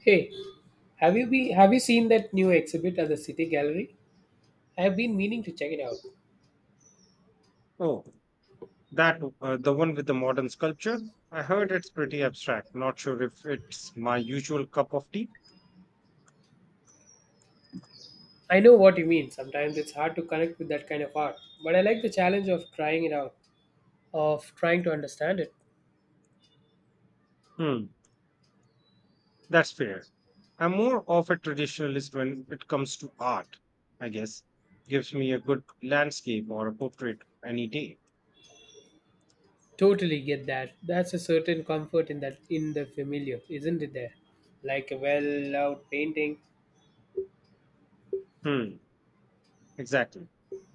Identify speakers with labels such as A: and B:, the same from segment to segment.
A: Hey, have you seen that new exhibit at the City Gallery? I have been meaning to check it out.
B: Oh, that the one with the modern sculpture? I heard it's pretty abstract. Not sure if it's my usual cup of tea.
A: I know what you mean. Sometimes it's hard to connect with that kind of art, but I like the challenge of trying it out, of trying to understand it.
B: Hmm, that's fair. I'm more of a traditionalist when it comes to art, I guess. Gives me a good landscape or a portrait any day.
A: Totally get that. That's a certain comfort in that in the familiar, isn't it there? Like a well-loved painting.
B: Hmm, exactly.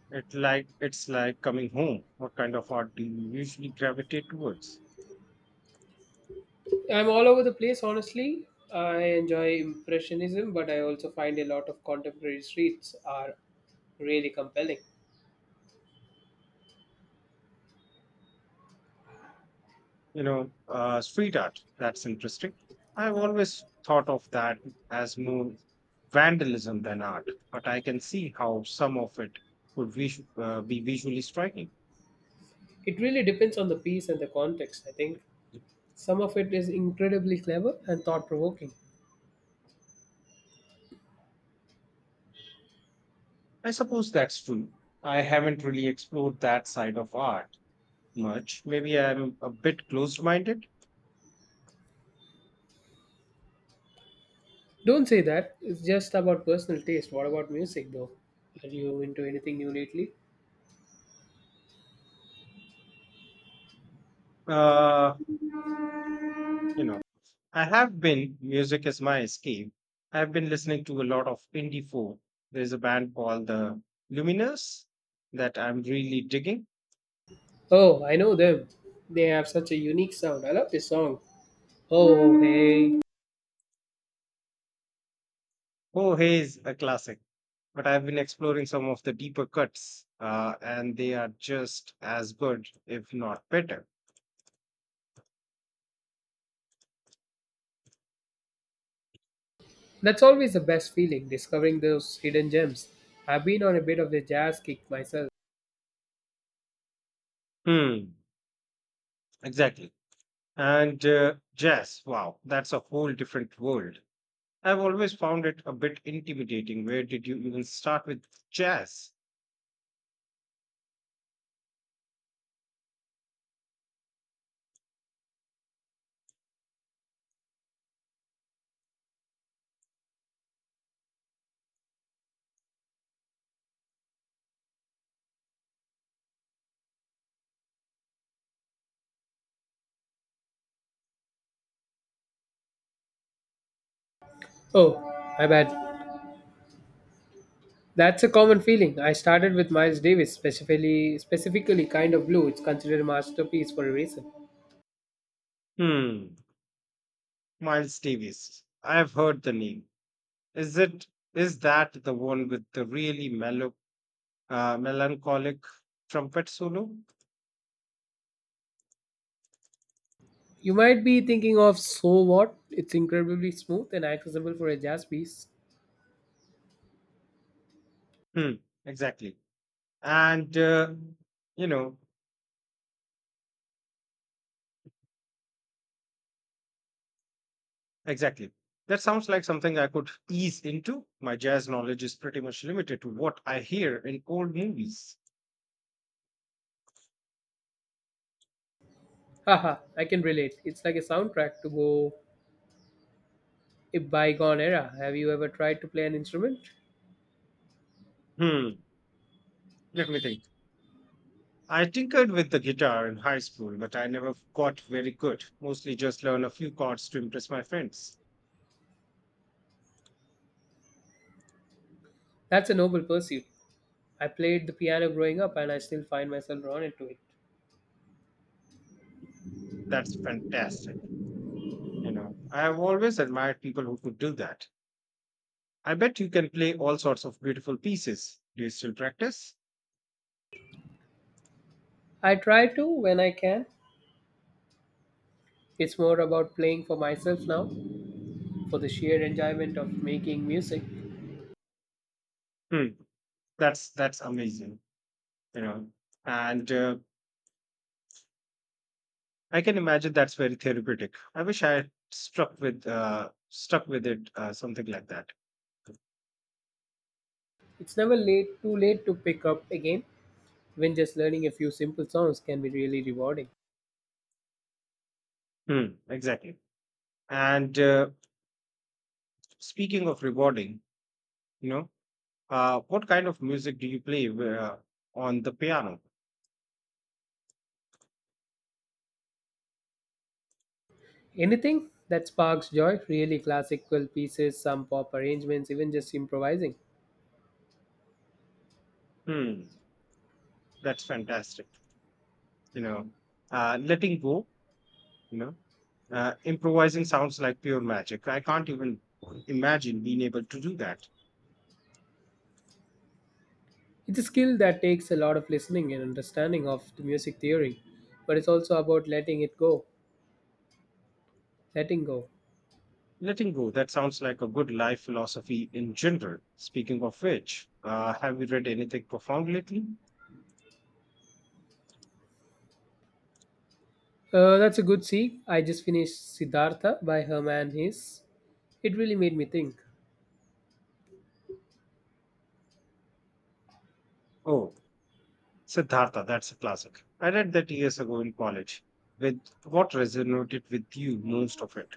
B: It's like coming home. What kind of art do you usually gravitate towards?
A: I'm all over the place honestly. I enjoy impressionism, but I also find a lot of contemporary streets are really compelling.
B: Street art. That's interesting. I've always thought of that as more vandalism than art, but I can see how some of it would be visually striking.
A: It really depends on the piece and the context, I think. Some of it is incredibly clever and thought provoking.
B: I suppose that's true. I haven't really explored that side of art much. Maybe I'm a bit closed minded.
A: Don't say that. It's just about personal taste. What about music though? Are you into anything new lately?
B: Uh, you know. I have been, music is my escape. I've been listening to a lot of indie folk. There's a band called the Luminous that I'm really digging.
A: Oh, I know them. They have such a unique sound. I love this song, Oh Hey.
B: Oh Hey is a classic, but I've been exploring some of the deeper cuts, and they are just as good, if not better.
A: That's always the best feeling, discovering those hidden gems. I've been on a bit of a jazz kick myself.
B: Hmm, exactly. And Jazz, wow, that's a whole different world. I've always found it a bit intimidating. Where did you even start with jazz?
A: Oh, my bad. That's a common feeling. I started with Miles Davis, specifically Kind of Blue. It's considered a masterpiece for a reason.
B: Hmm. Miles Davis. I've heard the name. Is it is that the one with the really mellow, melancholic trumpet solo?
A: You might be thinking of So What? It's incredibly smooth and accessible for a jazz piece.
B: Hmm, exactly. And uh, you know, exactly. That sounds like something I could ease into. My jazz knowledge is pretty much limited to what I hear in old movies.
A: Haha, I can relate. It's like a soundtrack to go a bygone era. Have you ever tried to play an instrument?
B: Hmm, let me think. I tinkered with the guitar in high school, but I never got very good. Mostly just learn a few chords to impress my friends.
A: That's a noble pursuit. I played the piano growing up and I still find myself drawn into it.
B: That's fantastic. You know, I have always admired people who could do that. I bet you can play all sorts of beautiful pieces. Do you still practice?
A: I try to when I can. It's more about playing for myself now, for the sheer enjoyment of making music.
B: Hmm, that's amazing. You know, and I can imagine that's very therapeutic. I wish I had struck with stuck with it, something like that.
A: It's never late too late to pick up again. Even just learning a few simple songs can be really rewarding.
B: Exactly. And Speaking of rewarding, you know, what kind of music do you play on the piano?
A: Anything that sparks joy, really. Classical pieces, some pop arrangements, even just improvising.
B: Hmm, that's fantastic. You know, Letting go. You know Improvising sounds like pure magic. I can't even imagine being able to do that.
A: It's a skill that takes a lot of listening and understanding of the music theory, but it's also about letting it go, letting go.
B: Letting go, that sounds like a good life philosophy in general. Speaking of which, have you read anything profound lately?
A: That's a good see. I just finished Siddhartha by Herman Hesse. It really made me think.
B: Oh, Siddhartha, that's a classic. I read that years ago in college. With what resonated with you most of it?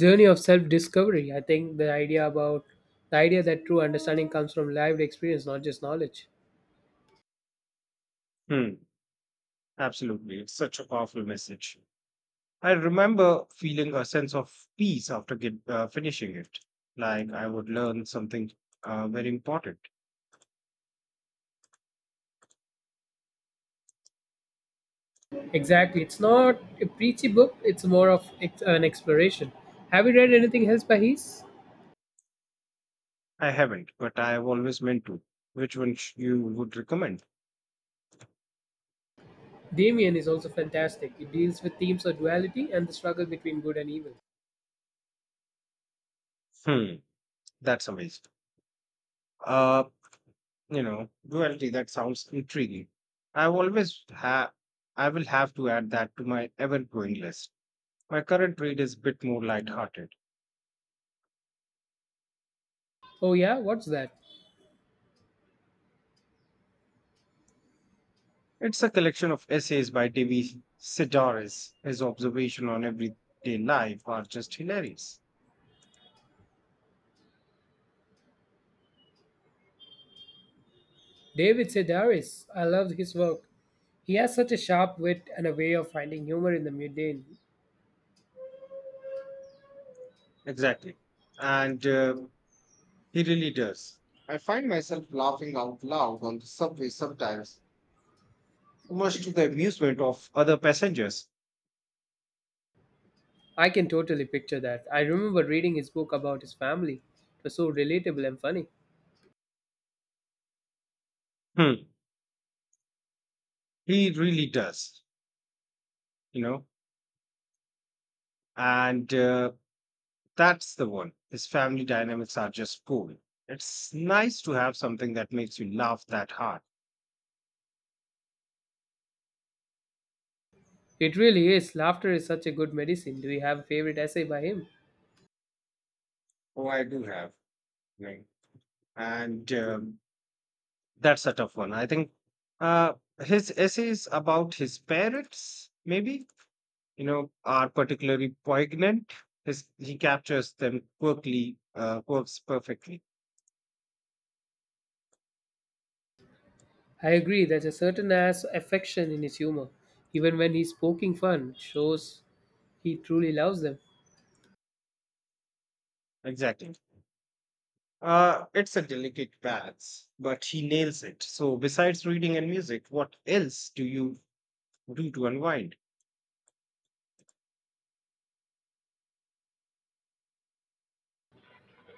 A: Journey of self-discovery. I think the idea that true understanding comes from lived experience, not just knowledge.
B: Hmm, absolutely. It's such a powerful message. I remember feeling a sense of peace after finishing it, like I would learn something very important.
A: Exactly. It's not a preachy book. It's more of an exploration. Have you read anything else by his?
B: I haven't, but I have always meant to. Which one you would recommend?
A: Damien is also fantastic. It deals with themes of duality and the struggle between good and evil.
B: Hmm, that's amazing. Uh, Duality. That sounds intriguing. I've always ha. I will have to add that to my ever-growing list. My current read is a bit more light-hearted.
A: Oh yeah, what's that?
B: It's a collection of essays by Devi Sidaris. His observation on everyday life are just hilarious.
A: David Sedaris, I love his work. He has such a sharp wit and a way of finding humor in the mundane.
B: Exactly, and he really does. I find myself laughing out loud on the subway sometimes much to the amusement of other passengers.
A: I can totally picture that. I remember reading his book about his family. It was so relatable and funny.
B: Hmm. He really does, you know, and that's the one. His family dynamics are just cool. It's nice to have something that makes you laugh that hard.
A: It really is. Laughter is such a good medicine. Do you have a favorite essay by him?
B: Oh, I do have. Right. And That's a tough one. I think uh, his essays about his parents, maybe, are particularly poignant. His, he captures them quirks perfectly.
A: I agree. There's a certain ass affection in his humor. Even when he's poking fun, it shows he truly loves them.
B: Exactly. It's a delicate balance, but he nails it. So, besides reading and music, what else do you do to unwind?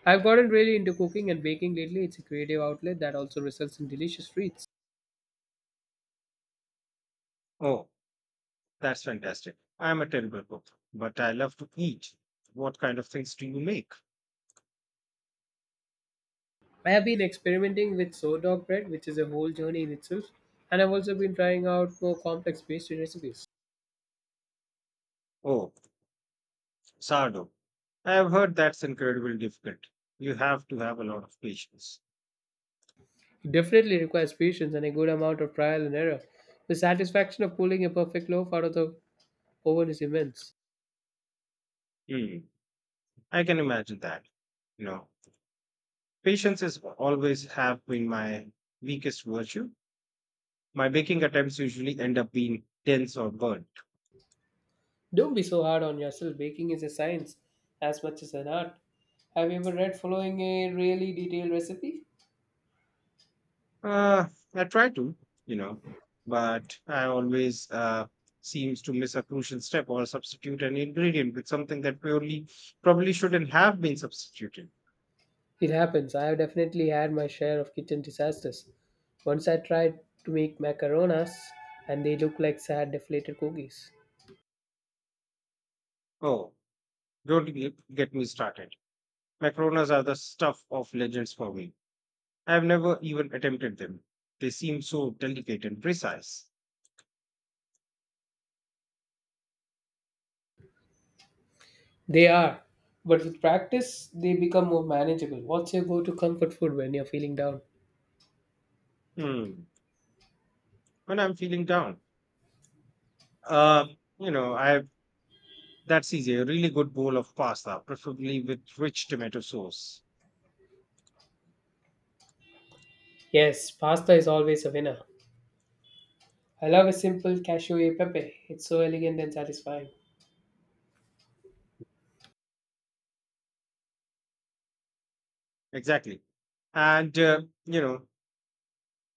A: I've gotten really into cooking and baking lately. It's a creative outlet that also results in delicious treats.
B: Oh, that's fantastic. I'm a terrible cook, but I love to eat. What kind of things do you make?
A: I have been experimenting with sourdough bread, which is a whole journey in itself, and I've also been trying out more complex pastry recipes.
B: Oh, Sardo. I have heard that's incredibly difficult. You have to have a lot of patience.
A: It definitely requires patience and a good amount of trial and error. The satisfaction of pulling a perfect loaf out of the oven is immense.
B: Hmm. I can imagine that. You know, patience is always have been my weakest virtue. My baking attempts usually end up being tense or burnt.
A: Don't be so hard on yourself. Baking is a science as much as an art. Have you ever read following a really detailed recipe?
B: Uh, I try to, you know, but I always seems to miss a crucial step or substitute an ingredient with something that purely probably shouldn't have been substituted.
A: It happens. I have definitely had my share of kitchen disasters. Once I tried to make macaronas and they looked like sad deflated cookies.
B: Oh, don't get me started. Macaronas are the stuff of legends for me. I have never even attempted them. They seem so delicate and precise.
A: They are, but with practice they become more manageable. What's your go to comfort food when you're feeling down?
B: Hmm. When I'm feeling down, uh, I that's easy. A really good bowl of pasta, preferably with rich tomato sauce.
A: Yes, pasta is always a winner. I love a simple cashew e pepe. It's so elegant and satisfying.
B: Exactly. And uh, you know,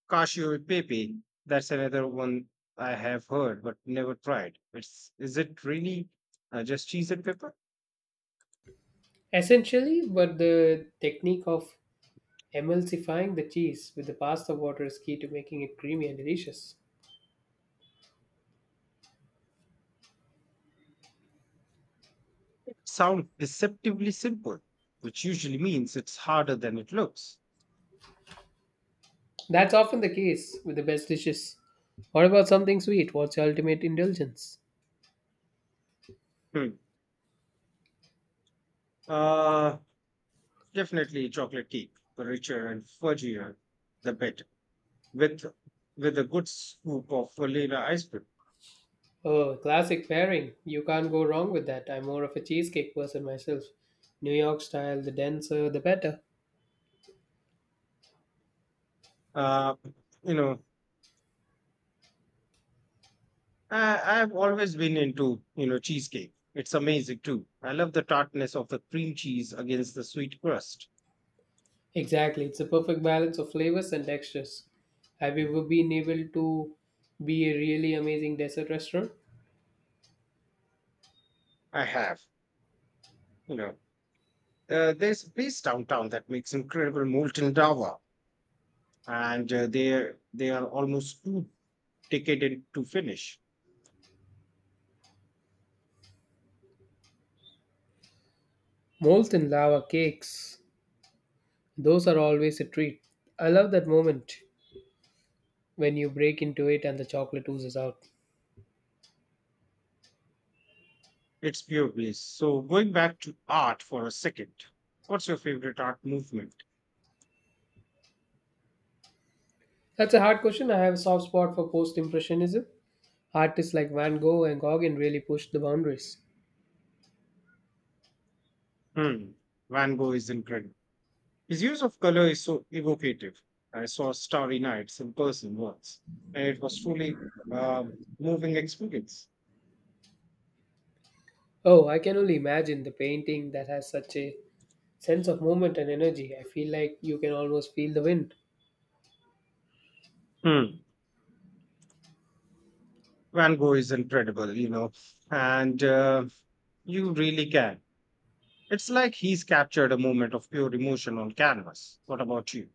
B: Cashew e pepe. That's another one I have heard but never tried. It's is it really just cheese and pepper?
A: Essentially, but the technique of emulsifying the cheese with the pasta water is key to making it creamy and delicious.
B: Sound deceptively simple, which usually means it's harder than it looks.
A: That's often the case with the best dishes. What about something sweet? What's your ultimate indulgence?
B: Hmm. Uh, Definitely chocolate cake. The richer and fudgier, the better. With with a good scoop of vanilla ice cream.
A: Oh, classic pairing. You can't go wrong with that. I'm more of a cheesecake person myself. New York style, the denser, the better.
B: Uh, you know, I've always been into cheesecake. It's amazing too. I love the tartness of the cream cheese against the sweet crust.
A: Exactly, it's a perfect balance of flavors and textures. Have you ever been able to be a really amazing dessert restaurant?
B: I have, you know, there's a place downtown that makes incredible molten lava, and they are almost too decadent to finish.
A: Molten lava cakes, those are always a treat. I love that moment when you break into it and the chocolate oozes out.
B: It's pure bliss. So going back to art for a second, what's your favorite art movement?
A: That's a hard question. I have a soft spot for post impressionism. Artists like Van Gogh and Gauguin really pushed the boundaries.
B: Hmm, Van Gogh is incredible. His use of color is so evocative. I saw Starry Nights in person once, and it was truly a moving experience.
A: Oh, I can only imagine. The painting that has such a sense of movement and energy. I feel like you can almost feel the wind.
B: Hmm. Van Gogh is incredible, you know, and you really can. It's like he's captured a moment of pure emotion on canvas. What about you?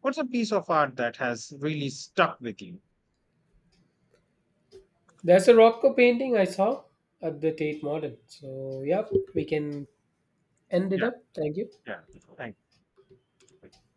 B: What's a piece of art that has really stuck with you?
A: There's a Rothko painting I saw at the Tate Modern. So, yeah, we can end it
B: Yeah,
A: up. Thank you.
B: yeah. Thank you.